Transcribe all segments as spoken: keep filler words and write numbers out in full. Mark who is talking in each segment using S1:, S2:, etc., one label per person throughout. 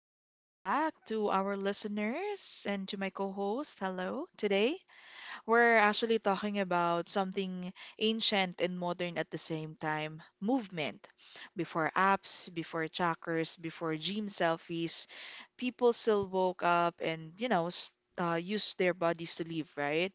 S1: Welcome back to our listeners and to my co host. Hello, today. We're actually talking about something ancient and modern at the same time movement. Before apps, before trackers, before gym selfies, people still woke up and, you know, s uh, used their bodies to live, right?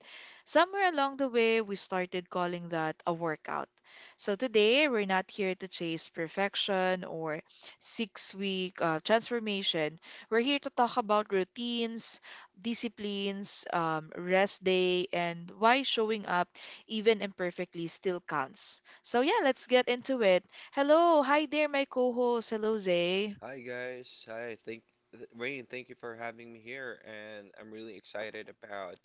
S1: Somewhere along the way, we started calling that a workout. So today, we're not here to chase perfection or six-week uh, transformation. We're here to talk about routines, disciplines, um, rest day, and why showing up even imperfectly still counts. So yeah, let's get into it. Hello, hi there, my co-host. Hello, Zay.
S2: Hi guys. Hi. Thank th- Rain, thank you for having me here, and I'm really excited about,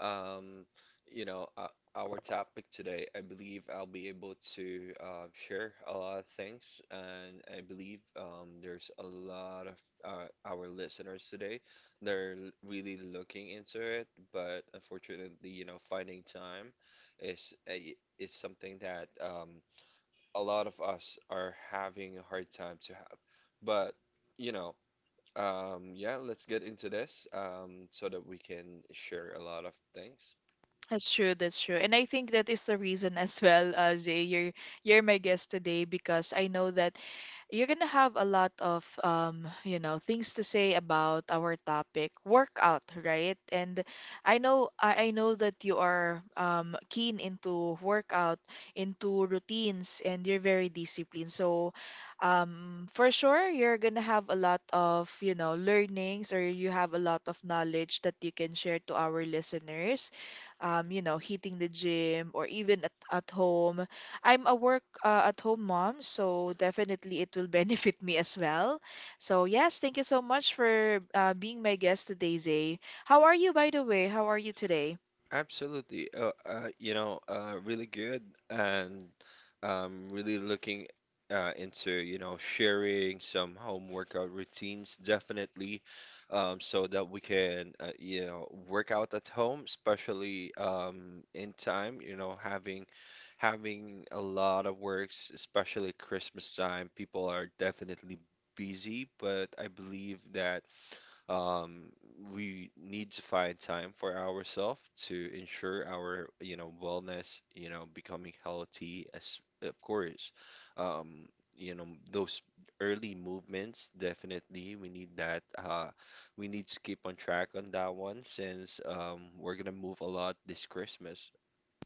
S2: um, you know, uh, our topic today. I believe I'll be able to uh, share a lot of things, and I believe um, there's a lot of uh, our listeners today. They're l- really looking into it, but unfortunately, you know, finding time is a, is something that um, a lot of us are having a hard time to have. But, you know, um, yeah, let's get into this um, so that we can share a lot of things.
S1: That's true, that's true. And I think that is the reason as well, uh, Zay, you're you're my guest today because I know that you're gonna have a lot of um, you know, things to say about our topic, workout, right? And I know I, I know that you are um keen into workout, into routines, and you're very disciplined. So um for sure you're gonna have a lot of, you know, learnings or you have a lot of knowledge that you can share to our listeners um, you know, hitting the gym or even at, at home. I'm a work uh, at home mom, so definitely it will benefit me as well. So, yes, thank you so much for uh, being my guest today, Zay. How are you, by the way? How are you today?
S2: Absolutely. Uh, uh, you know, uh, really good and um, really looking uh, into, you know, sharing some home workout routines definitely, um, so that we can, uh, you know, work out at home, especially um, in time, you know, having having a lot of works, especially Christmas time. People are definitely busy, but I believe that, um, we need to find time for ourselves to ensure our, you know, wellness, you know, becoming healthy as of course. Um, you know, those early movements, definitely we need that. Uh, we need to keep on track on that one since um we're gonna move a lot this Christmas.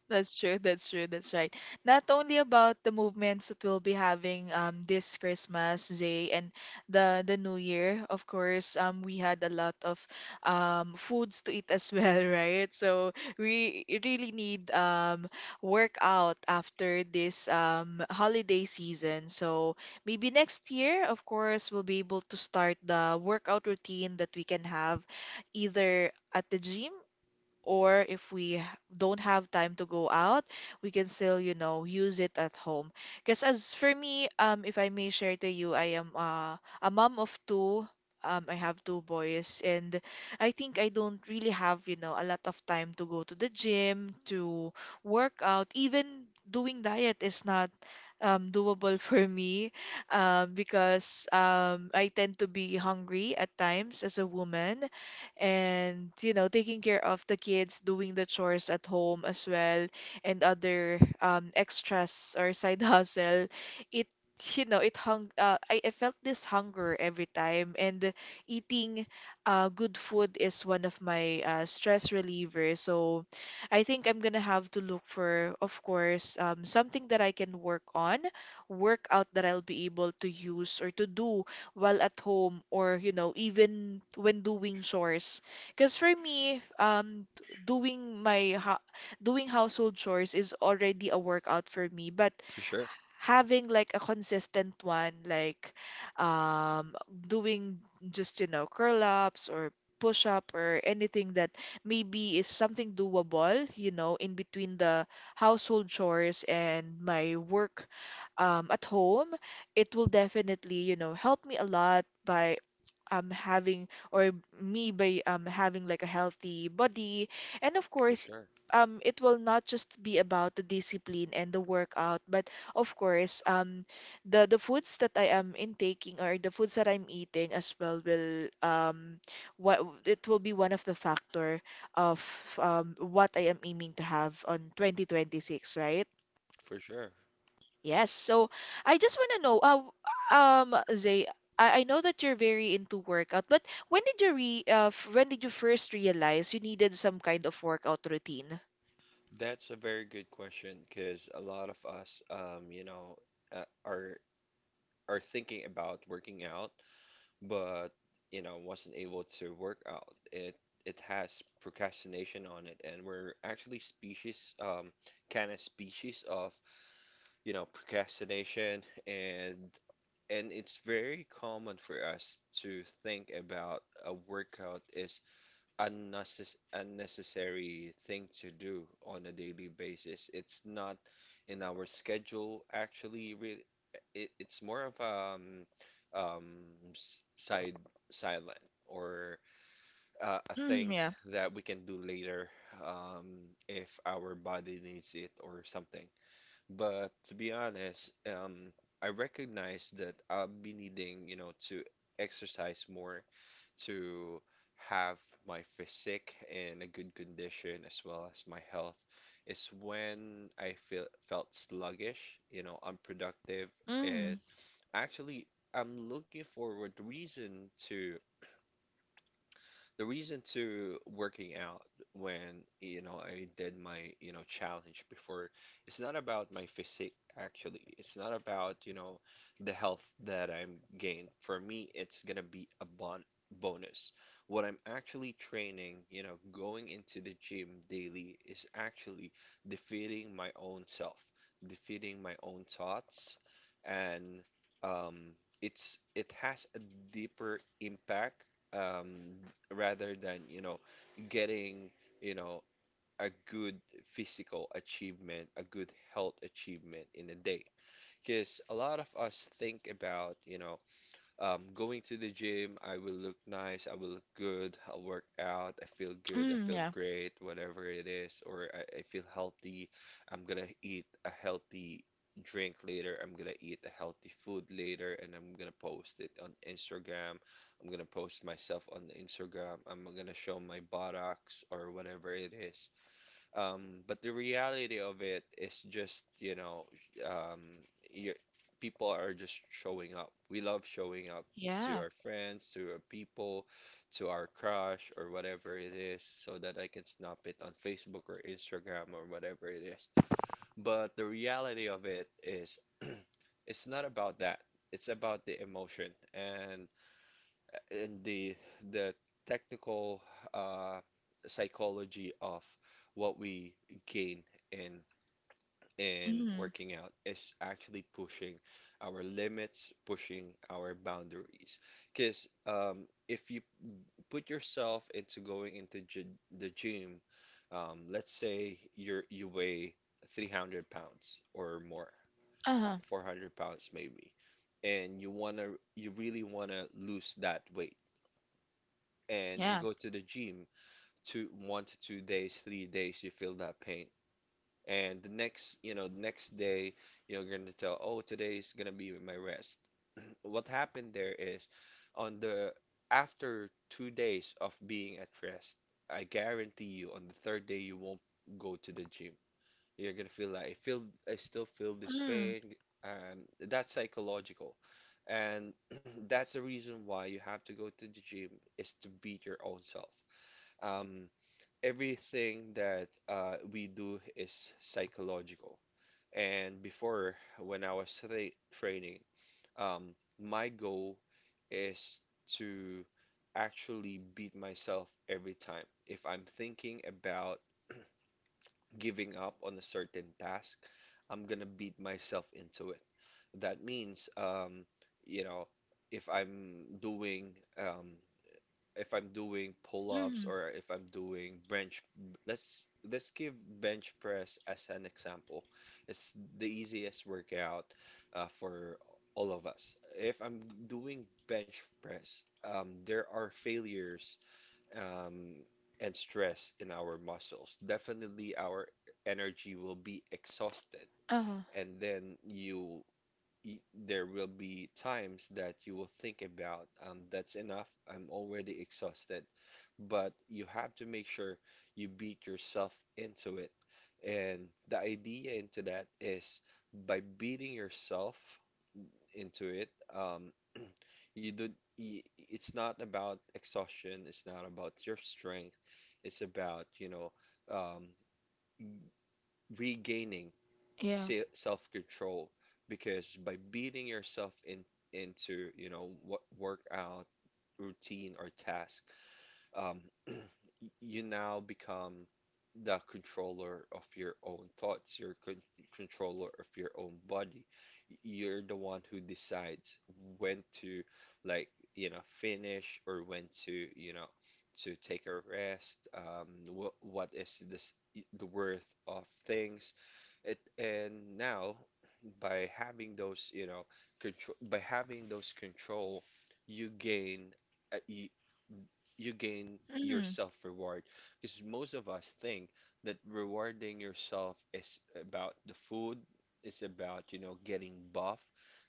S1: That's true. That's true. That's right. Not only about the movements that we'll be having um this Christmas Day and the the New Year, of course. Um, we had a lot of um foods to eat as well, right? So we really need um workout after this um holiday season. So maybe next year, of course, we'll be able to start the workout routine that we can have either at the gym or if we don't have time to go out, we can still, you know, use it at home. Because as for me, um, if I may share to you, I am uh, a mom of two. Um, I have two boys, and I think I don't really have, you know, a lot of time to go to the gym, to work out. Even doing diet is not um, doable for me um, because um, I tend to be hungry at times as a woman and you know taking care of the kids doing the chores at home as well and other um, extras or side hustle it you know it hung uh, I, I felt this hunger every time and eating uh, good food is one of my uh, stress relievers so I think I'm gonna have to look for of course um, something that I can work on workout that I'll be able to use or to do while at home or, you know, even when doing chores. Because for me, um, doing my ho- doing household chores is already a workout for me, but
S2: For sure.
S1: having like a consistent one, like um, doing just, you know, curl ups or push up or anything that maybe is something doable, you know, in between the household chores and my work um, at home it will definitely, you know, help me a lot by um having or me by um having like a healthy body. And of
S2: For
S1: course,
S2: sure.
S1: um it will not just be about the discipline and the workout, but of course, um the the foods that I am intaking or the foods that I'm eating as well will um what it will be one of the factor of um what I am aiming to have on twenty twenty-six, right?
S2: For sure.
S1: Yes. So I just want to know, uh, um, Zay, I, I know that you're very into workout, but when did you re uh, f- when did you first realize you needed some kind of workout routine?
S2: That's a very good question because a lot of us, um, you know, uh, are are thinking about working out but, you know, wasn't able to work out. It it has procrastination on it, and we're actually species, um kind of species of, you know, procrastination. And and it's very common for us to think about a workout is unnecess- unnecessary thing to do on a daily basis. It's not in our schedule, actually. Really, it, it's more of um, um, s- side silent or uh, a
S1: Mm,
S2: thing
S1: yeah.
S2: that we can do later, um, if our body needs it or something. But to be honest, um, I recognize that I'll be needing, you know, to exercise more to have my physique in a good condition as well as my health. Is when I feel felt sluggish, you know, unproductive, and
S1: Mm,
S2: actually I'm looking forward reason to the reason to working out, when, you know, I did my, you know, challenge before, it's not about my physique actually. It's not about, you know, the health that I'm gained. For me, it's gonna be a bon bonus. What I'm actually training, you know, going into the gym daily is actually defeating my own self, defeating my own thoughts, and um, it's it has a deeper impact, um, rather than, you know, getting, you know, a good physical achievement, a good health achievement in a day. Because a lot of us think about, you know, um, going to the gym, I will look nice, I will look good, I'll work out, I feel good, I
S1: mm,
S2: feel
S1: yeah.
S2: great, whatever it is, or I, I feel healthy. I'm gonna eat a healthy drink later, I'm gonna eat a healthy food later, and I'm gonna post it on Instagram. I'm gonna post myself on Instagram. I'm gonna show my buttocks or whatever it is. Um, but the reality of it is just, you know, um, you people are just showing up. We love showing up to our
S1: Yeah.
S2: friends, to our people, to our crush, or whatever it is, so that I can snap it on Facebook or Instagram or whatever it is. But the reality of it is, it's not about that. It's about the emotion and and the the technical uh, psychology of what we gain in in
S1: Mm,
S2: working out is actually pushing our limits, pushing our boundaries. Because um, if you put yourself into going into gy- the gym, um, let's say you're you weigh three hundred pounds or more, f-
S1: uh-huh.
S2: four hundred pounds maybe, and you wanna you really wanna lose that weight, and you
S1: Yeah.
S2: go to the gym two one to two days, three days, you feel that pain, and the next you know next day you're going to tell, oh, today's going to be my rest. What happened there is, on the, after two days of being at rest, I guarantee you, on the third day you won't go to the gym. You're going to feel like i feel I still feel this
S1: Mm,
S2: pain, and that's psychological. And that's the reason why you have to go to the gym, is to beat your own self. um, Everything that uh, we do is psychological. And before, when I was tra training, um, my goal is to actually beat myself every time. If I'm thinking about giving up on a certain task, I'm gonna beat myself into it. That means, um, you know, if I'm doing um, if I'm doing pull-ups
S1: mm,
S2: or if I'm doing bench, let's let's give bench press as an example. It's the easiest workout uh, for all of us. If I'm doing bench press, um, there are failures, um, and stress in our muscles. Definitely, our energy will be exhausted,
S1: uh-huh.
S2: and then you y- there will be times that you will think about, um, that's enough, I'm already exhausted. But you have to make sure you beat yourself into it. And the idea into that is by beating yourself into it, um, you do, y it's not about exhaustion, it's not about your strength, it's about, you know, um, regaining
S1: Yeah.
S2: se self-control, because by beating yourself in into, you know, what workout routine or task, um, you now become the controller of your own thoughts, you're con controller of your own body. You're the one who decides when to, like, you know, finish or when to, you know, to take a rest. Um, wh what is this the worth of things? It and now by having those, you know, control by having those control, you gain. uh, You you gain your
S1: Mm,
S2: self reward. Because most of us think that rewarding yourself is about the food, it's about, you know, getting buff.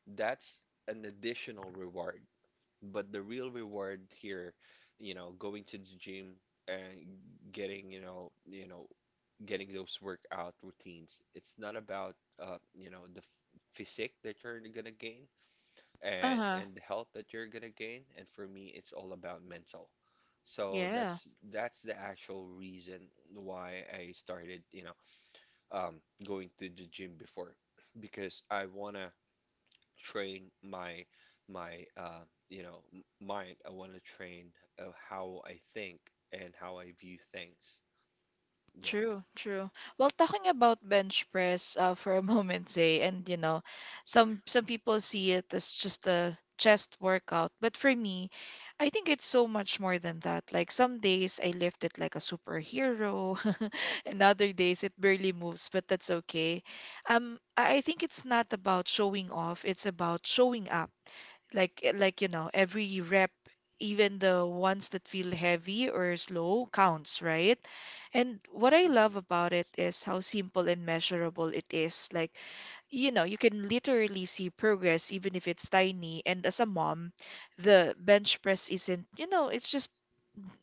S2: That's an additional reward. But the real reward here, you know, going to the gym and getting, you know, you know, getting those workout routines. It's not about, uh, you know, the f- physique that you're gonna gain and
S1: uh-huh.
S2: and the health that you're gonna gain. And for me, it's all about mental. So
S1: Yeah.
S2: that's that's the actual reason why I started, you know, um, going to the gym before, because I wanna train my my uh, you know m- mind. I wanna train uh, how I think and how I view things. Yeah.
S1: True, true. Well, talking about bench press uh, for a moment, Zay, and you know, some some people see it as just a chest workout, but for me, I think it's so much more than that. Like some days I lift it like a superhero, and other days it barely moves, but that's okay. Um, I I think it's not about showing off; it's about showing up like eh, like you know every rep even the ones that feel heavy or slow counts, right? And what I
S2: Hmm.
S1: love about it is how simple and measurable it is, like you know, you can literally see progress even if it's tiny. And as a mom, the bench press isn't, you know, it's just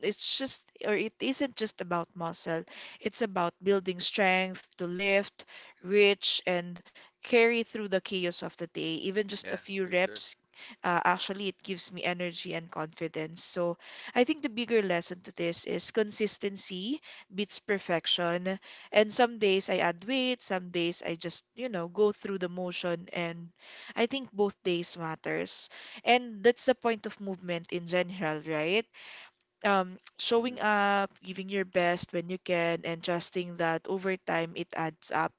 S1: it's just or it isn't just about muscle. It's about building strength to lift, reach, and carry through the chaos of the day. Even just a
S2: Yeah,
S1: few
S2: for sure.
S1: reps, uh, actually, it gives me energy and confidence. So I think the bigger lesson to this is consistency beats perfection. And some days I add weight, some days I just, you know, go through the motion. And I think both days matters. And that's the point of movement in general, right? Um, showing
S2: Hmm.
S1: up, giving your best when you can, and trusting that over time it adds up.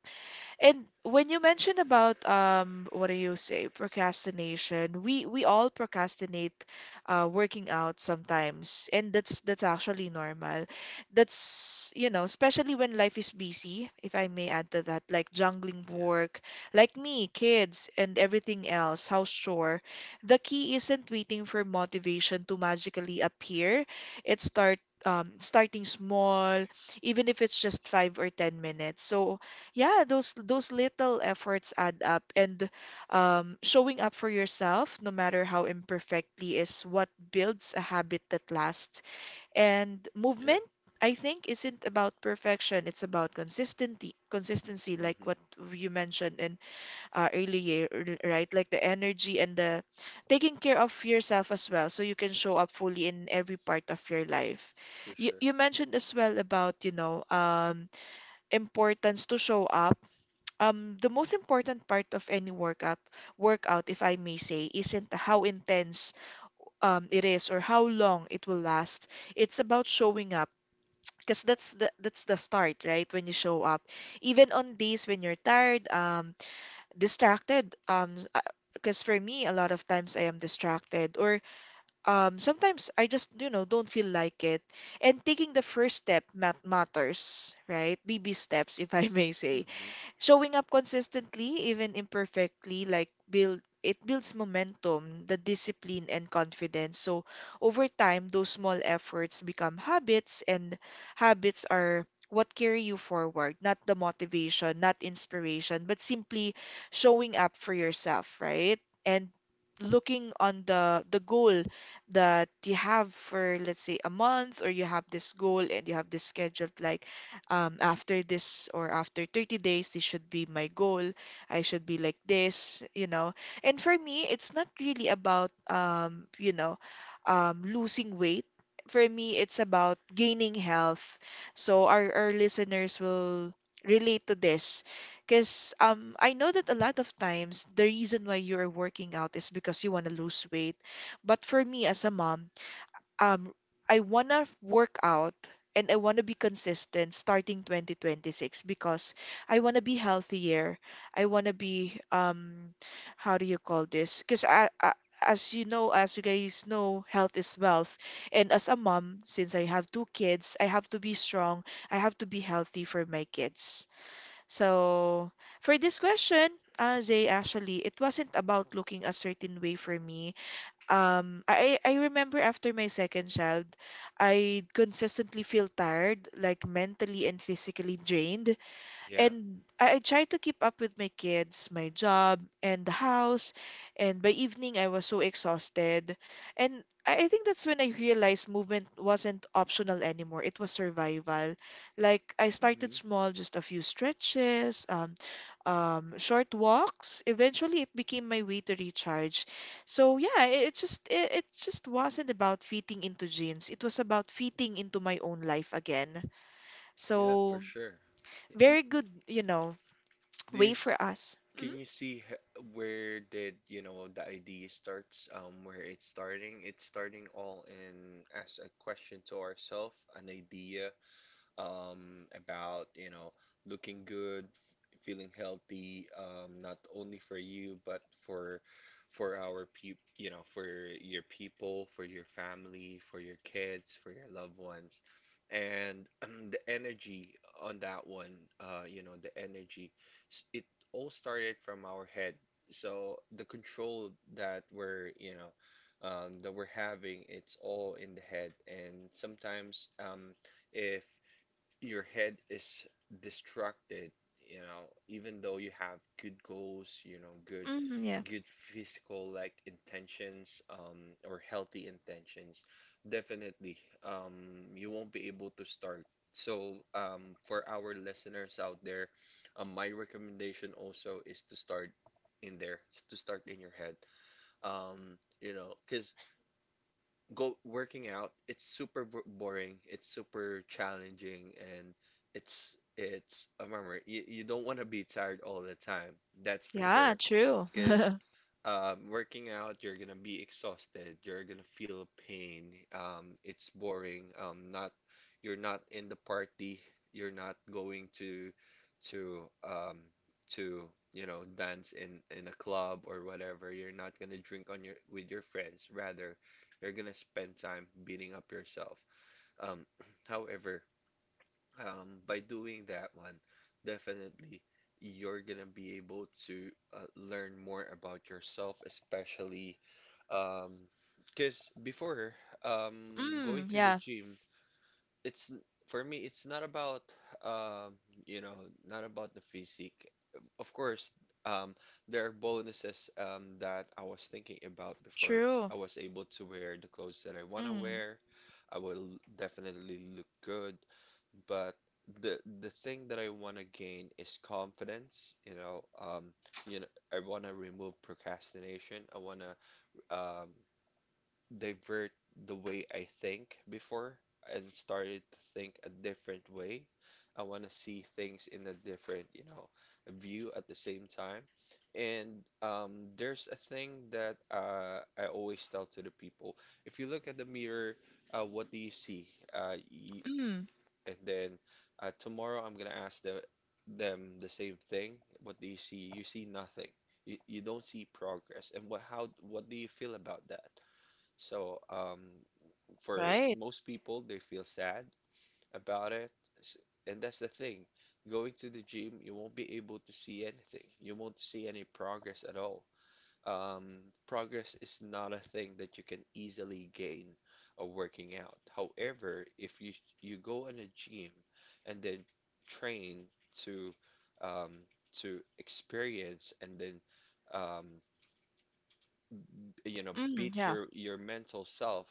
S1: And when you mentioned about um, what do you say, procrastination, we we all procrastinate uh, working out sometimes, and that's that's actually normal. That's you know, especially when life is busy, if I may add to that, like juggling
S2: Yeah.
S1: work, like me, kids, and everything else, house chore. The key isn't waiting for motivation to magically appear. It start um, starting small, even if it's just five or ten minutes. So yeah, those those little efforts add up, and um, showing up for yourself, no matter how imperfectly, is what builds a habit that lasts. And
S2: Yeah.
S1: movement, I think, isn't about perfection. It's about consistency, consistency, like
S2: Hmm.
S1: what you mentioned in uh, earlier, r- right? Like the energy and the taking care of yourself as well, so you can show up fully in every part of your life.
S2: For
S1: You
S2: sure.
S1: you mentioned as well about, you know, um, importance to show up um the most important part of any workup workout, if I may say, isn't how intense um it is or how long it will last. It's about showing up because that's the that's the start, right? When you show up even on days when you're tired, um, distracted, um, because for me a lot of times I am distracted or um sometimes I just, you know, don't feel like it. And taking the first step mat matters, right? Baby steps, if I may say.
S2: Hmm.
S1: Showing up consistently, even imperfectly, like build it builds momentum, the discipline and confidence. So over time, those small efforts become habits, and habits are what carry you forward, not the motivation, not inspiration, but simply showing up for yourself, right? And looking on the the goal that you have for let's say a month, or you have this goal and you have this scheduled like um, after this or after thirty days, this should be my goal. I should be like this, you know. And for me, it's not really about, um, you know, um, losing weight. For me, it's about gaining health. So our, our listeners will relate to this because um, I know that a lot of times the reason why you are working out is because you want to lose weight. But for me as a mom, um I wanna work out and I wanna be consistent starting twenty twenty-six because I wanna be healthier. I wanna be um how do you call this? Because I, I as you know, as you guys know, health is wealth. And as a mom, since I have two kids, I have to be strong. I have to be healthy for my kids. So for this question, uh, Zay, actually, it wasn't about looking a certain way for me. Um, I I I remember after my second child, I consistently feel tired, like mentally and physically drained.
S2: Yeah.
S1: And I, I try to keep up with my kids, my job, and the house. And by evening, I was so exhausted. And I, I think that's when I realized movement wasn't optional anymore. It was survival. Like I started
S2: Hmm.
S1: small, just a few stretches, um, um, short walks. Eventually, it became my way to recharge. So yeah, it, it just it, it just wasn't about fitting into jeans. It was about fitting into my own life again.
S2: Yeah, for
S1: So
S2: sure. Y-
S1: very good, you know,
S2: Do you,
S1: Wait
S2: s-
S1: for us. Mm,
S2: can you see h- Where did, you know, the idea starts, um, where it's starting? It's starting all in as a question to ourselves, an idea, um, about, you know, looking good, feeling healthy, um, not only for you, but for for our people, you know, for your people, for your family, for your kids, for your loved ones. And um, the energy on that one, uh, you know, the energy, s- it all started from our head. So the control that we're, you know, um, that we're having, it's all in the head. And sometimes, um, if your head is distracted, you know, even though you have good goals, you know, good
S1: mm, yeah.
S2: good physical like intentions, um or healthy intentions, definitely, um you won't be able to start. So, um for our listeners out there, um, my recommendation also is to start in there, to start in your head. Um, you know, because go working out, it's super bo- boring, it's super challenging, and it's it's a memory. You, you don't want to be tired all the time, that's for
S1: Yeah,
S2: sure.
S1: true.
S2: Because um, working out, you're gonna be exhausted, you're gonna feel pain, um, it's boring, um, not, you're not in the party, you're not going to to um, to you know, dance in in a club or whatever. You're not gonna drink on your with your friends, rather you're gonna spend time beating up yourself. Um, however, um, by doing that one, definitely you're gonna be able to uh, learn more about yourself, especially um, because before, um,
S1: Mm,
S2: going to the
S1: yeah,
S2: gym, it's, for me, it's not about, um you know, not about the physique, of course. um there are bonuses, um that I was thinking about before.
S1: true.
S2: I was able to wear the clothes that I want to
S1: Mm,
S2: wear, I will definitely look good, but the the thing that I want to gain is confidence, you know, um you know, I want to remove procrastination. I want to, um divert the way I think before and started to think a different way. I want to see things in a different, you know, view at the same time. And, um, there's a thing that uh, I always tell to the people. If you look at the mirror, uh, what do you see? Uh, y
S1: mm,
S2: and then uh, tomorrow I'm gonna ask the, them the same thing. What do you see? You see nothing. You, you don't see progress. And what, how, what do you feel about that? So, um, for
S1: right.
S2: most people, they feel sad about it. S- And that's the thing. Going to the gym, you won't be able to see anything. You won't see any progress at all. Um, Progress is not a thing that you can easily gain uh, working out. However, if you you go in a gym and then train to um, to experience and then um, you know
S1: Mm,
S2: beat
S1: yeah,
S2: your your mental self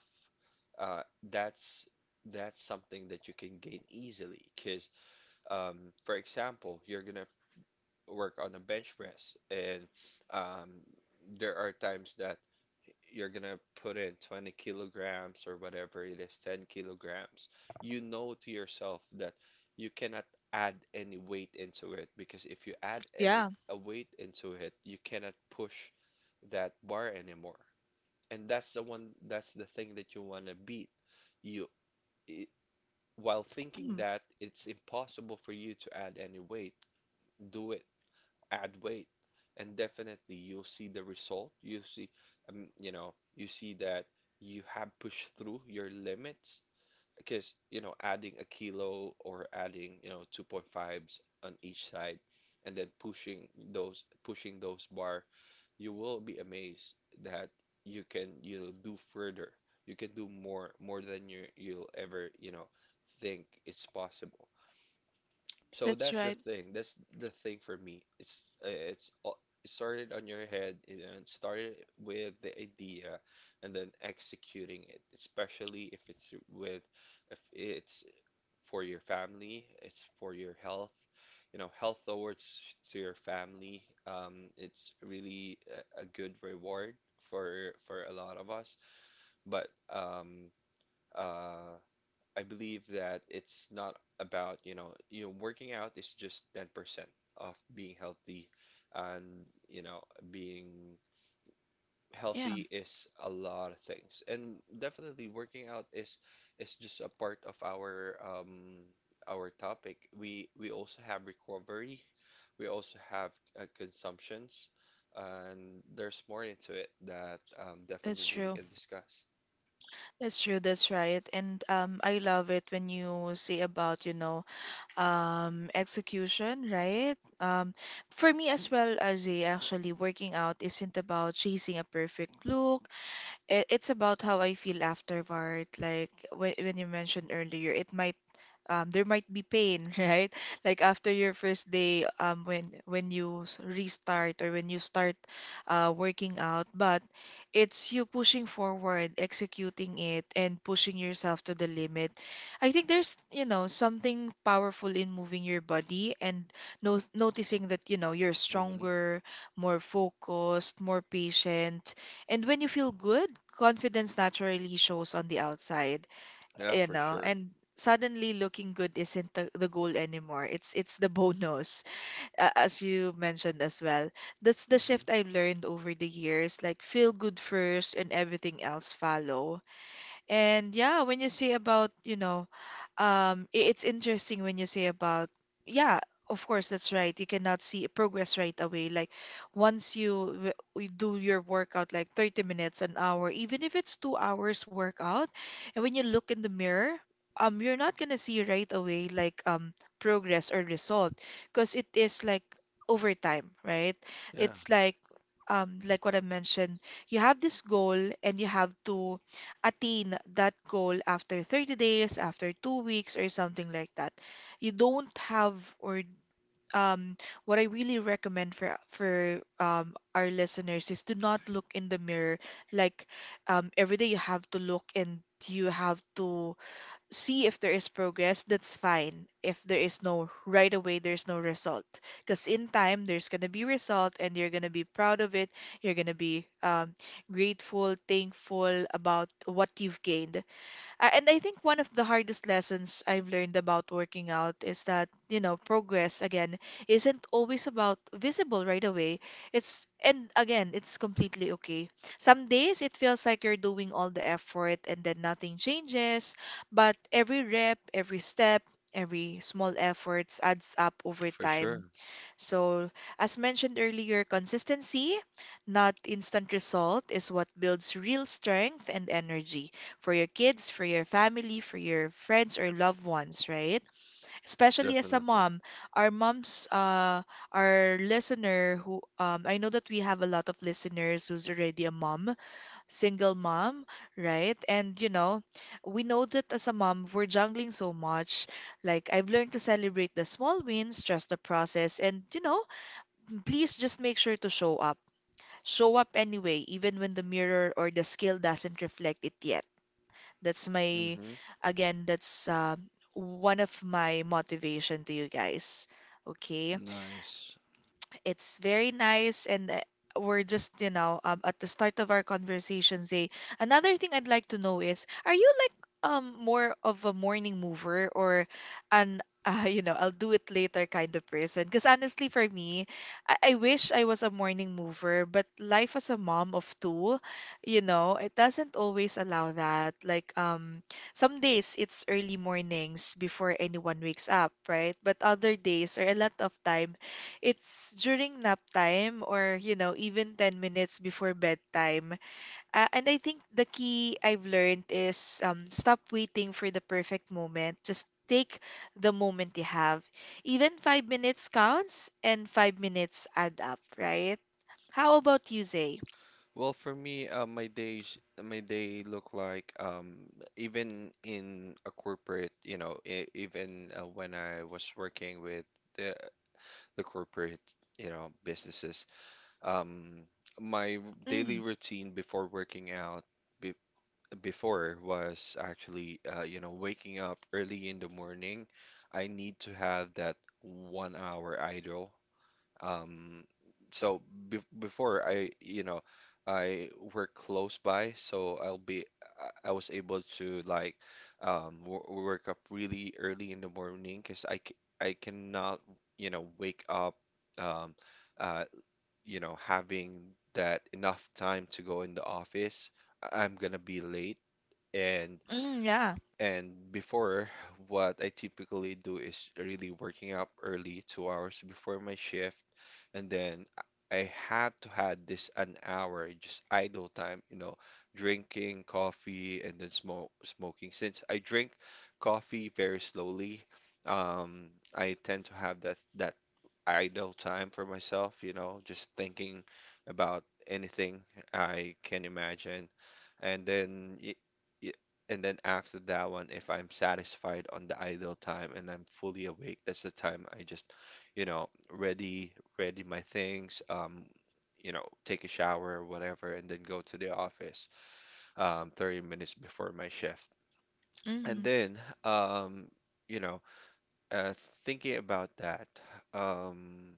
S2: uh, that's that's something that you can gain easily because um, for example you're gonna work on a bench press and um, there are times that you're gonna put in twenty kilograms or whatever it is ten kilograms you know to yourself that you cannot add any weight into it because if you add any
S1: yeah.
S2: a weight into it you cannot push that bar anymore and that's the one that's the thing that you want to beat you i- while thinking
S1: Mm,
S2: that it's impossible for you to add any weight, do it, add weight, and definitely you'll see the result. You see, um, you know you see that you have pushed through your limits because you know adding a kilo or adding you know two point fives on each side and then pushing those pushing those bar you will be amazed that you can you know do further. You can do more more than you you'll ever you know think it's possible. So
S1: that's
S2: that's the
S1: right.
S2: thing that's the thing for me it's uh, it's all- it started on your head, you know, and started with the idea and then executing it, especially if it's with if it's for your family, it's for your health. You know, health awards to your family, um, it's really a, a good reward for for a lot of us. But um, uh, I believe that it's not about, you know, you know, working out is just ten percent of being healthy and, you know, being
S1: Yeah,
S2: healthy is a lot of things, and definitely working out is is just a part of our um, our topic. We we also have recovery, we also have uh, consumptions, and there's more into it that um,
S1: that's
S2: definitely we
S1: true.
S2: can discuss.
S1: That's true. That's right. And um, I love it when you say about, you know, um, execution, right? Um, for me as well, as a actually working out isn't about chasing a perfect look. It, it's about how I feel afterward. Like when, when you mentioned earlier, it might um, there might be pain, right? Like after your first day, um, when when you s- restart or when you start uh, working out, but it's you pushing forward, executing it, and pushing yourself to the limit. I think there's, you know, something powerful in moving your body and no noticing that, you know, you're
S2: Hmm.
S1: stronger, more focused, more patient, and when you feel good, confidence naturally shows on the outside,
S2: Yeah,
S1: you
S2: for
S1: know,
S2: sure.
S1: and suddenly looking good isn't the, the goal anymore, it's it's the bonus, uh, as you mentioned as well. That's the
S2: Hmm.
S1: shift I've learned over the years, like feel good first and everything else follow. And yeah, when you say about, you know, um, i- it's interesting when you say about, yeah, of course, that's right. You cannot see progress right away. Like once you w- we do your workout, like thirty minutes, an hour, even if it's two hours workout, and when you look in the mirror, um, you're not gonna see right away, like um progress or result, because it is like over time, right?
S2: Yeah,
S1: It's like um like what I mentioned, you have this goal and you have to attain that goal after thirty days, after two weeks, or something like that. You don't have, or um, what I really recommend for for um, our listeners is to not look in the mirror. Like um, every day you have to look and you have to see if there is progress, that's fine. If there is no right away, there's no result. Because in time, there's gonna be result, and you're gonna be proud of it. You're gonna be um, grateful, thankful about what you've gained. Uh, and I think one of the hardest lessons I've learned about working out is that, you know, progress again isn't always about visible right away. It's and again, it's completely okay. Some days it feels like you're doing all the effort and then nothing changes, but every rep, every step, every small efforts adds up over
S2: for
S1: time.
S2: sure.
S1: So, as mentioned earlier, consistency, not instant result, is what builds real strength and energy for your kids, for your family, for your friends or loved ones, right? Especially as a
S2: Definitely.
S1: mom, our moms, uh, our listener who, um, I know that we have a lot of listeners who's already a mom, single mom, right? And you know, we know that as a mom, we're juggling so much. Like I've learned to celebrate the small wins, trust the process, and you know, please just make sure to show up. Show up anyway, even when the mirror or the scale doesn't reflect it yet. That's my,
S2: Hmm.
S1: Again, that's uh, one of my motivation to you guys. Okay,
S2: Nice.
S1: it's very nice and uh, we're just, you know, um, at the start of our conversation say another thing I'd like to know is, are you like um more of a morning mover or an uh, you know, I'll do it later kind of person? Because honestly for me, I-, I wish I was a morning mover, but life as a mom of two, you know, it doesn't always allow that. Like um some days it's early mornings before anyone wakes up, right? But other days or a lot of time it's during nap time or, you know, even ten minutes before bedtime. Uh, and I think the key I've learned is, um, stop waiting for the perfect moment. Just take the moment you have. Even five minutes counts and five minutes add up, right? How about you, Zay?
S2: Well, for me, uh, my days, my day look like um, even in a corporate, you know, e- even uh, when I was working with the the corporate, you know, businesses, um, my r- daily
S1: Mm.
S2: routine before working out, be before was actually, uh, you know, waking up early in the morning. I need to have that one hour idle um, so be before I, you know, I work close by, so I'll be I I was able to like um w work up really early in the morning because I c I cannot, you know, wake up um uh you know having that enough time to go in the office. I- I'm gonna be late and
S1: Mm, yeah.
S2: and before, what I typically do is really working up early, two hours before my shift, and then I I had to had this an hour just idle time, you know, drinking coffee and then smoke smoking. Since I drink coffee very slowly, um, I tend to have that that idle time for myself, you know, just thinking about anything I can imagine, and then. y- and then after that one, if I'm satisfied on the idle time and I'm fully awake, that's the time I just, you know, ready, ready my things, um, you know, take a shower or whatever, and then go to the office, um, thirty minutes before my shift. And
S1: Mm.
S2: then, um, you know, uh, thinking about that, um,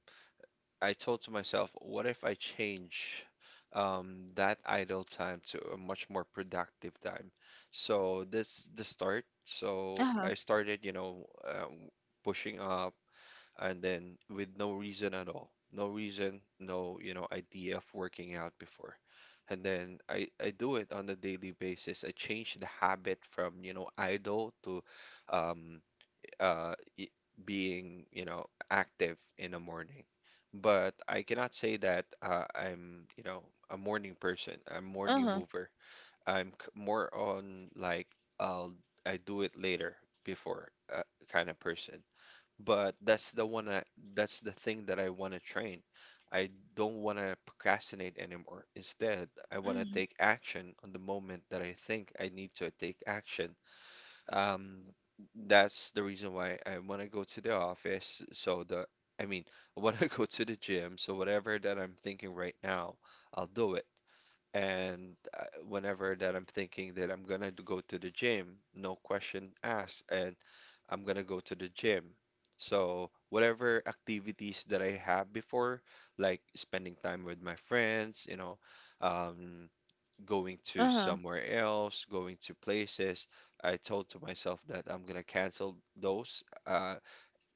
S2: I told to myself, what if I change um, that idle time to a much more productive time? So that's the start. So
S1: Uh-huh.
S2: I started, you know, um, pushing up and then with no reason at all. No reason, no, you know, idea of working out before. And then I, I do it on a daily basis. I change the habit from, you know, idle to um, uh, y- being, you know, active in the morning. But I cannot say that uh, I'm, you know, a morning person, I'm morning
S1: Uh-huh.
S2: mover. I'm c- more on like I'll I do it later before uh, kind of person. But that's the one that, that's the thing that I want to train. I don't want to procrastinate anymore. Instead, I want to
S1: Mm.
S2: take action on the moment that I think I need to take action. um, that's the reason why I want to go to the office. So the, I mean, I want to go to the gym. So whatever that I'm thinking right now, I'll do it. And uh, whenever that I'm thinking that I'm gonna go to the gym, no question asked, and I'm gonna go to the gym. So whatever activities that I have before, like spending time with my friends, you know, um, going to
S1: Uh-huh.
S2: somewhere else, going to places, I told to myself that I'm gonna cancel those. Uh,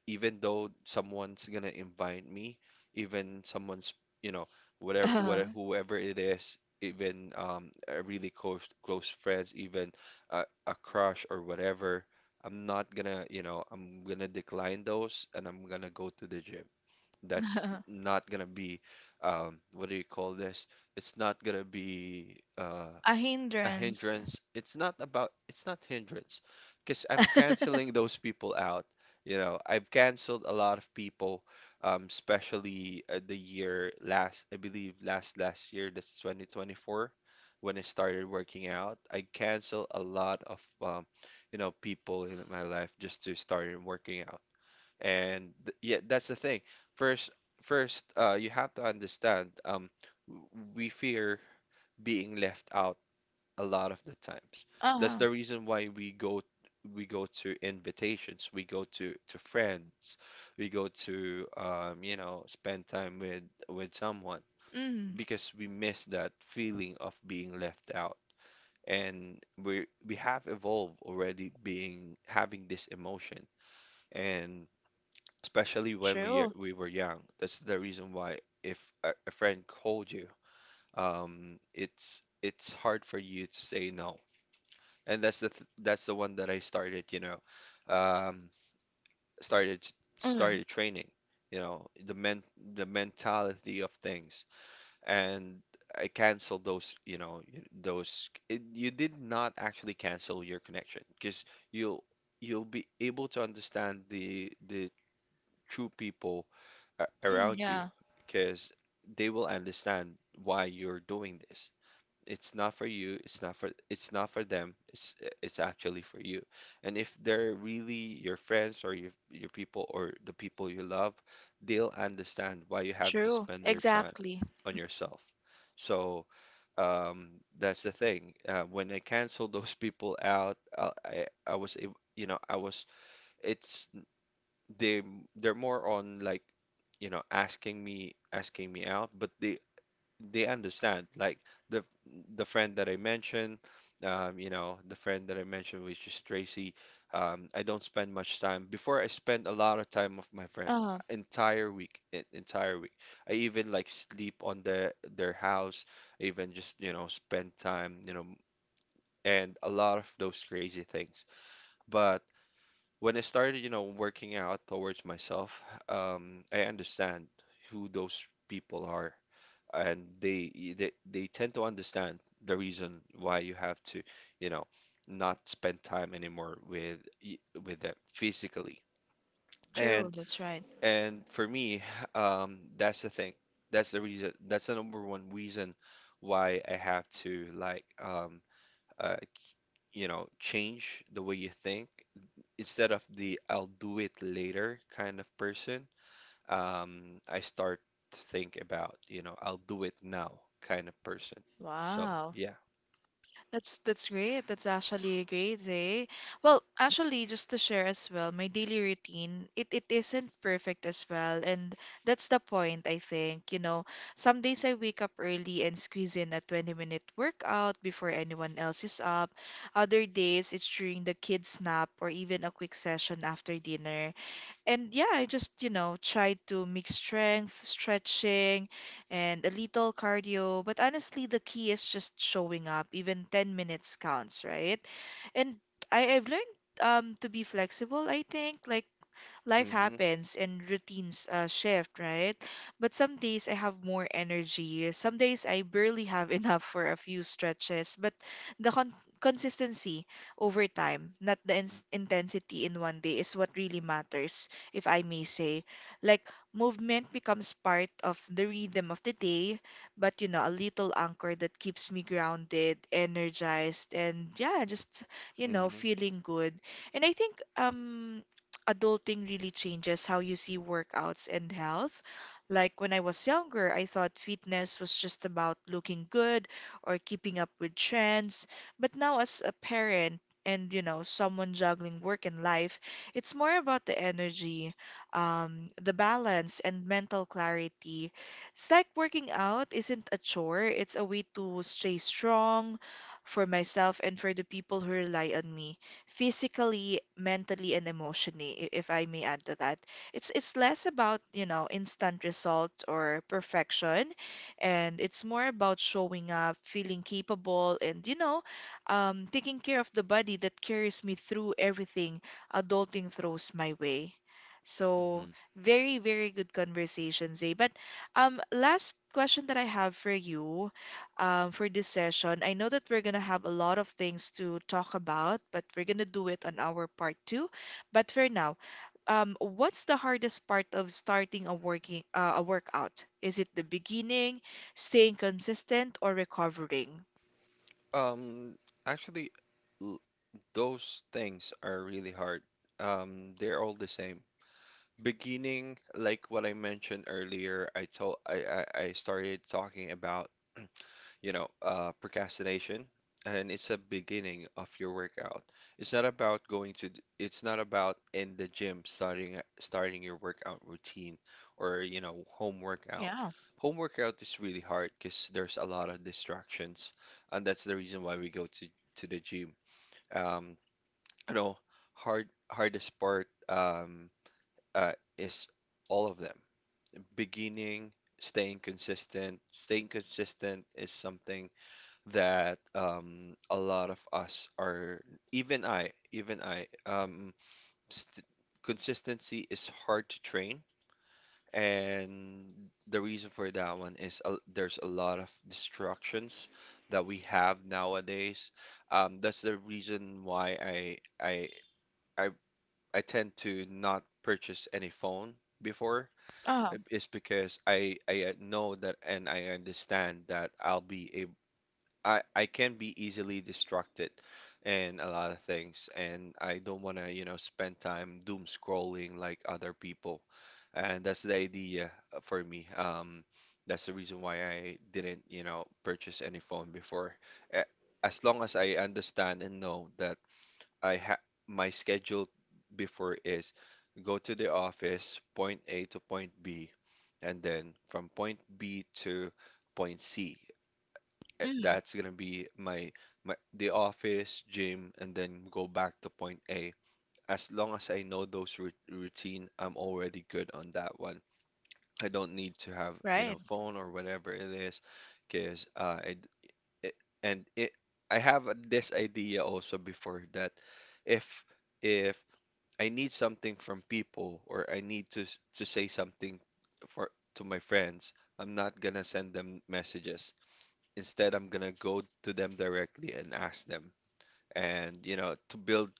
S2: Even though someone's gonna invite me, even someone's, you know, whatever,
S1: Uh-huh.
S2: whatever, whoever it is, even um, a really close close friends, even a, a crush or whatever, I'm not gonna, you know, I'm gonna decline those, and I'm gonna go to the gym.
S1: Uh
S2: That's
S1: huh.
S2: not gonna be um, what do you call this? It's not gonna be uh,
S1: A
S2: a
S1: hindrance.
S2: hindrance. It's not about it's not hindrance because I'm canceling those people out. You know, I've canceled a lot of people, um, especially uh, the year last, I believe last last year, that's twenty twenty-four, when I started working out. I canceled a lot of um, you know, people in my life just to start working out. And th- yeah, that's the thing. First, first, uh, you have to understand, um, w- we fear being left out a lot of the times. That's
S1: Uh-huh.
S2: the reason why we go we go to invitations, we go to to friends, we go to um, you know, spend time with with someone
S1: Mm.
S2: because we miss that feeling of being left out. And we we have evolved already being having this emotion. And especially when we
S1: True.
S2: we were young. That's the reason why if a, a friend called you, um, it's it's hard for you to say no. And that's the th that's the one that I started, you know, um, started
S1: Mm.
S2: started training, you know, the men the mentality of things. And I canceled those, you know, y- those. It, you did not actually cancel your connection because you'll you'll be able to understand the the true people a-
S1: Mm,
S2: around you
S1: yeah.
S2: because they will understand why you're doing this. It's not for you, it's not for it's not for them, it's it's actually for you. And if they're really your friends or your your people or the people you love, they'll understand why you have to
S1: True.
S2: spend your time
S1: Exactly.
S2: on yourself. So um, that's the thing. Uh, when I canceled those people out, I, I I was ab- you know I was it's they they're more on like you know asking me asking me out but they they understand like the the friend that I mentioned um you know the friend that I mentioned which is Tracy, um I don't spend much time before. I spend a lot of time with my friend,
S1: Uh-huh.
S2: entire week, e- entire week. I even like sleep on their their house. I even just you know spend time you know and a lot of those crazy things, but when I started, you know, working out towards myself, um, I understand who those people are, and they they they tend to understand the reason why you have to, you know, not spend time anymore with y- with them physically.
S1: True.
S2: And
S1: That's right.
S2: and for me, um, that's the thing. That's the reason. That's the number one reason why I have to like um, uh, you know, change the way you think. Instead of the I'll do it later kind of person, um, I start to think about, you know, I'll do it now kind of person. So,
S1: Wow.
S2: yeah.
S1: That's that's great. That's actually a great day. Well, actually, just to share as well, my daily routine, it, it isn't perfect as well. And that's the point, I think. You know, some days I wake up early and squeeze in a twenty minute workout before anyone else is up. Other days it's during the kids' nap or even a quick session after dinner. And yeah, I just, you know, tried to mix strength, stretching, and a little cardio. But honestly, the key is just showing up. Even ten minutes counts, right? And I, I've learned um, to be flexible, I think. Like life
S2: Mm-hmm.
S1: happens and routines uh, shift, right? But some days I have more energy. Some days I barely have enough for a few stretches. But the con consistency over time, not the ins intensity in one day, is what really matters, if I may say. Like, movement becomes part of the rhythm of the day, but you know, a little anchor that keeps me grounded, energized, and yeah, just, you know,
S2: Mm-hmm.
S1: feeling good. And I think um adulting really changes how you see workouts and health. Like when I was younger, I thought fitness was just about looking good or keeping up with trends. But now, as a parent and, you know, someone juggling work and life, it's more about the energy, um, the balance, and mental clarity. It's like working out isn't a chore, it's a way to stay strong for myself and for the people who rely on me physically, mentally, and emotionally, i- if I may add to that. It's it's less about, you know, instant result or perfection, and it's more about showing up, feeling capable, and you know, um, taking care of the body that carries me through everything adulting throws my way. So
S2: Hmm.
S1: very, very good conversation, Zay. But um, last question that I have for you um, for this session. I know that we're going to have a lot of things to talk about, but we're going to do it on our part two. But for now, um, what's the hardest part of starting a working uh, a workout? Is it the beginning, staying consistent, or recovering?
S2: Um, Actually, l- those things are really hard. Um, they're all the same. Beginning, like what I mentioned earlier, I told I, I, I started talking about you know, uh, procrastination, and it's a beginning of your workout. It's not about going to, th- it's not about in the gym starting starting your workout routine or, you know, home workout.
S1: Yeah.
S2: Home workout is really hard because there's a lot of distractions, and that's the reason why we go to to the gym. Um, you know, hard hardest part um, uh, is all of them. Beginning, staying consistent. Staying consistent is something that um, a lot of us are, even I, even I, um, st consistency is hard to train. And the reason for that one is uh, there's a lot of distractions that we have nowadays. Um, that's the reason why I, I, I, I tend to not purchase any phone before
S1: Uh-huh.
S2: is because I I uh, know that and I understand that I'll be I I can be easily distracted in a lot of things, and I don't want to, you know, spend time doom scrolling like other people. And that's the idea for me. Um, that's the reason why I didn't, you know, purchase any phone before. A- As long as I understand and know that I ha my schedule before is go to the office, point A to point B, and then from point B to point C eh,
S1: Mm.
S2: that's gonna be my my the office, gym, and then go back to point A. As long as I know those rut- routine, I'm already good on that one. I don't need to have, you
S1: Right.
S2: know, phone or whatever it is, because uh, I d- it, and it I have a- this idea also before that if if I need something from people or I need to s- to say something for to my friends, I'm not gonna send them messages. Instead, I'm gonna go to them directly and ask them, and you know, to build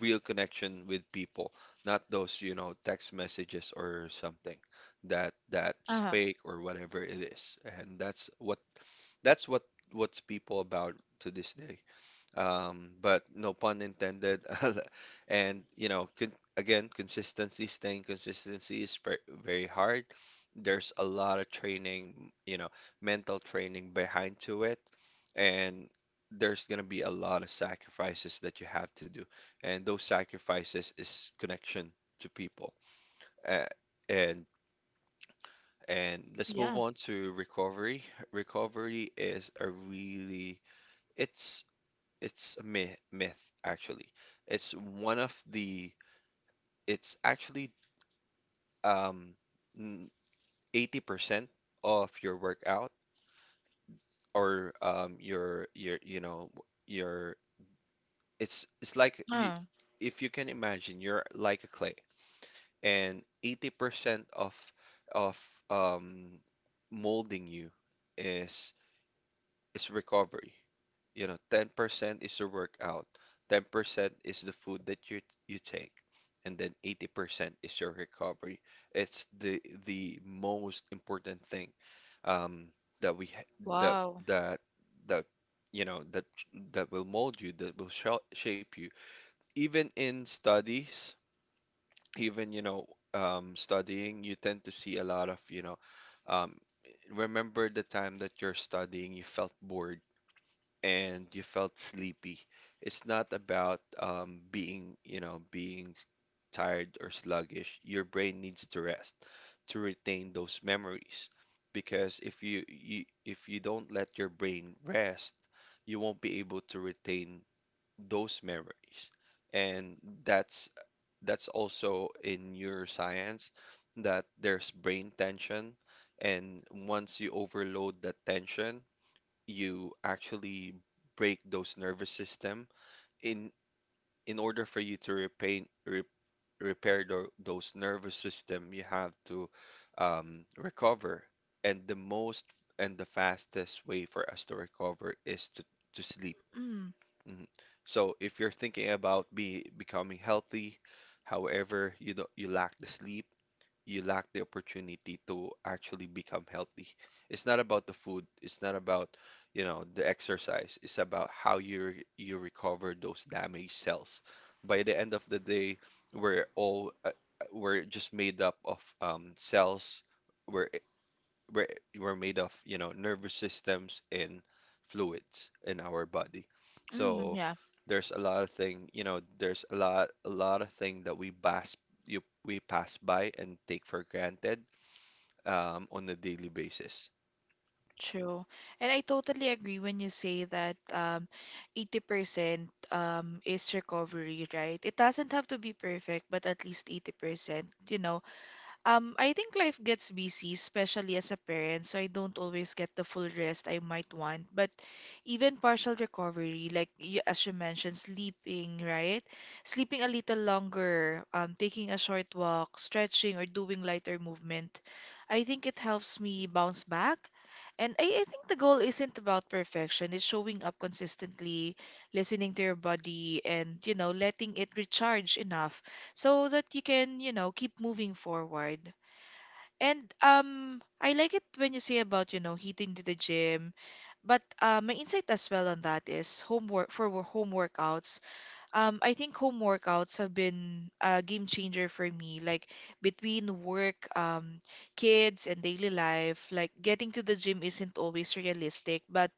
S2: real connection with people, not those, you know, text messages or something that that's
S1: Uh-huh.
S2: fake or whatever it is. And that's what that's what what's people about to this day um, but no pun intended. And you know, con- again, consistency, staying consistency is ver- very hard. There's a lot of training, you know, mental training behind to it, and there's gonna be a lot of sacrifices that you have to do, and those sacrifices is connection to people. Uh, and and let's move
S1: Yeah.
S2: on to recovery. Recovery is a really it's it's a myth, myth actually. It's one of the, it's actually um, n- eighty percent of your workout or um, your, your, you know, your, it's, it's like you,
S1: Uh,
S2: if you can imagine, you're like a clay and eighty percent of, of um, molding you is is recovery. You know, ten percent is the workout, ten percent is the food that you you take, and then eighty percent is your recovery. It's the the most important thing um, that we ha- that
S1: wow.
S2: that that you know that that will mold you, that will shel- shape you. Even in studies, even you know um, studying, you tend to see a lot of you know. Um, Remember the time that you're studying, you felt bored and you felt sleepy. It's not about um, being, you know, being tired or sluggish. Your brain needs to rest to retain those memories. Because if you, you if you don't let your brain rest, you won't be able to retain those memories. And that's that's also in neuroscience that there's brain tension, and once you overload that tension, you actually break those nervous system in in order for you to repair re, repair tho- those nervous system you have to um, recover and the most and the fastest way for us to recover is to to sleep
S1: Mm.
S2: hmm so if you're thinking about be becoming healthy however you don't you lack the sleep you lack the opportunity to actually become healthy. It's not about the food, it's not about, you know, the exercise. It's about how you re- you recover those damaged cells. By the end of the day, we're all uh, uh, we're just made up of um, cells. We're we're, we're made of, you know, nervous systems and fluids in our body.
S1: Mm,
S2: So
S1: yeah.
S2: there's a lot of thing, you know, there's a lot a lot of thing that we pass you we pass by and take for granted um, on a daily basis.
S1: True. And I totally agree when you say that um, eighty percent um, is recovery, right? It doesn't have to be perfect, but at least eighty percent, you know, um, I think life gets busy, especially as a parent, so I don't always get the full rest I might want. But even partial recovery, like y- as you mentioned, sleeping, right? Sleeping a little longer, um, taking a short walk, stretching, or doing lighter movement, I think it helps me bounce back. And I, I think the goal isn't about perfection. It's showing up consistently, listening to your body, and you know, letting it recharge enough so that you can, you know, keep moving forward. And um, I like it when you say about, you know, hitting to the gym. But uh, my insight as well on that is homework for wo- home workouts. Um, I think home workouts have been a game changer for me. Like between work, um, kids, and daily life, like getting to the gym isn't always realistic. But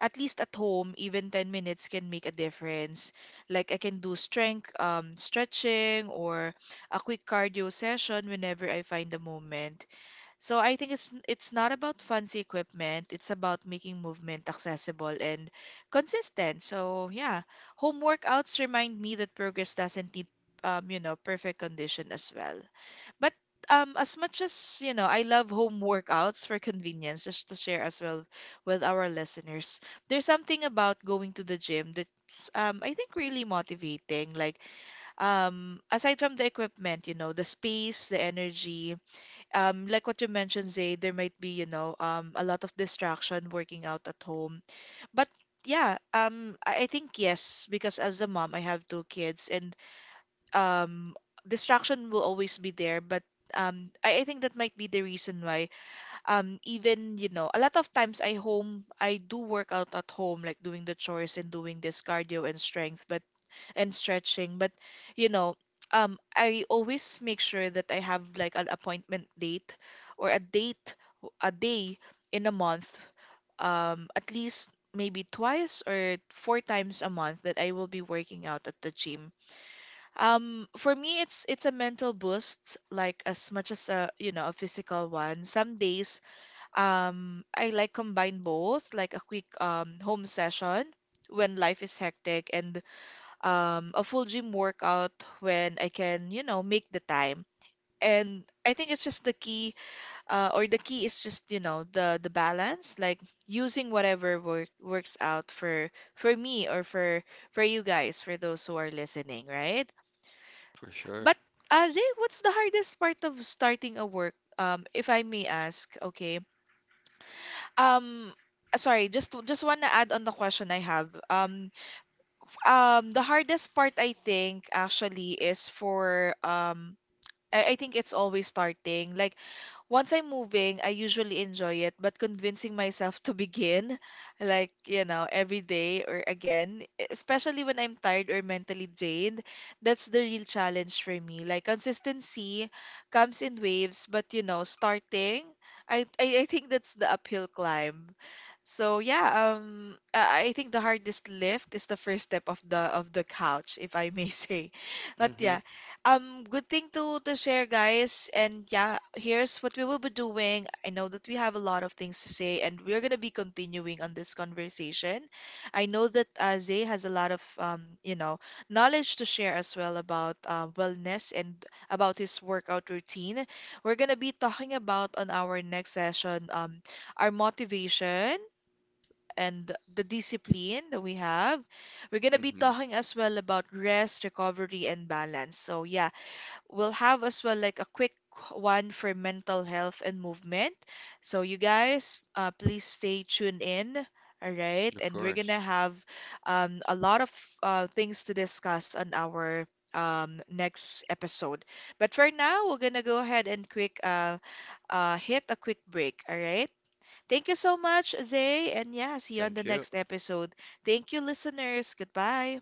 S1: at least at home, even ten minutes can make a difference. Like I can do strength, um, stretching or a quick cardio session whenever I find the moment. So I think it's it's not about fancy equipment, it's about making movement accessible and consistent. So yeah, home workouts remind me that progress doesn't need um, you know, perfect condition as well. But um, as much as, you know, I love home workouts for convenience, just to share as well with our listeners. There's something about going to the gym that's um, I think really motivating. Like um, aside from the equipment, you know, the space, the energy, um, like what you mentioned, Zay, there might be, you know, um, a lot of distraction working out at home, but yeah, um, I I think yes, because as a mom, I have two kids, and um distraction will always be there, but um I, I think that might be the reason why um even, you know, a lot of times I home I do work out at home, like doing the chores and doing this cardio and strength, but and stretching but, you know, um I always make sure that I have like an appointment date or a date a day in a month, um at least maybe twice or four times a month that I will be working out at the gym. um, for me, it's it's a mental boost, like as much as a, you know, a physical one. Some days, um, I like combine both, like a quick um home session when life is hectic, and um a full gym workout when I can, you know, make the time. And I think it's just the key, uh, or the key is just, you know, the the balance, like using whatever work works out for for me or for for you guys, for those who are listening, right?
S2: For sure.
S1: But uh, Zay, what's the hardest part of starting a work? Um, if I may ask, okay. Um, uh, sorry, just to- just wanna add on the question I have. Um, um, the hardest part I think actually is for um, I, I think it's always starting. Like once I'm moving, I usually enjoy it, but convincing myself to begin, like, you know, every day or again, especially when I'm tired or mentally drained, that's the real challenge for me. Like, consistency comes in waves, but, you know, starting, I, I, I think that's the uphill climb. So yeah, um, I I think the hardest lift is the first step of the of the couch, if I may say. But
S2: Mm-hmm.
S1: yeah, um, good thing to to share, guys. And yeah, here's what we will be doing. I know that we have a lot of things to say, and we're gonna be continuing on this conversation. I know that uh, Zay has a lot of, um, you know, knowledge to share as well about uh, wellness and about his workout routine. We're gonna be talking about on our next session um, our motivation. And the discipline that we have. We're going to be
S2: Mm-hmm.
S1: talking as well about rest, recovery, and balance. So, yeah, we'll have as well like a quick one for mental health and movement. So you guys, uh, please stay tuned in. All right,
S2: Of
S1: and we're
S2: course.
S1: gonna have um, a lot of uh, things to discuss on our um, next episode. But for now, we're gonna go ahead and quick uh, uh, hit a quick break. All right. Thank you so much, Zay, and yeah, see you on
S2: Thank
S1: the
S2: you.
S1: next episode. Thank you, listeners. Goodbye.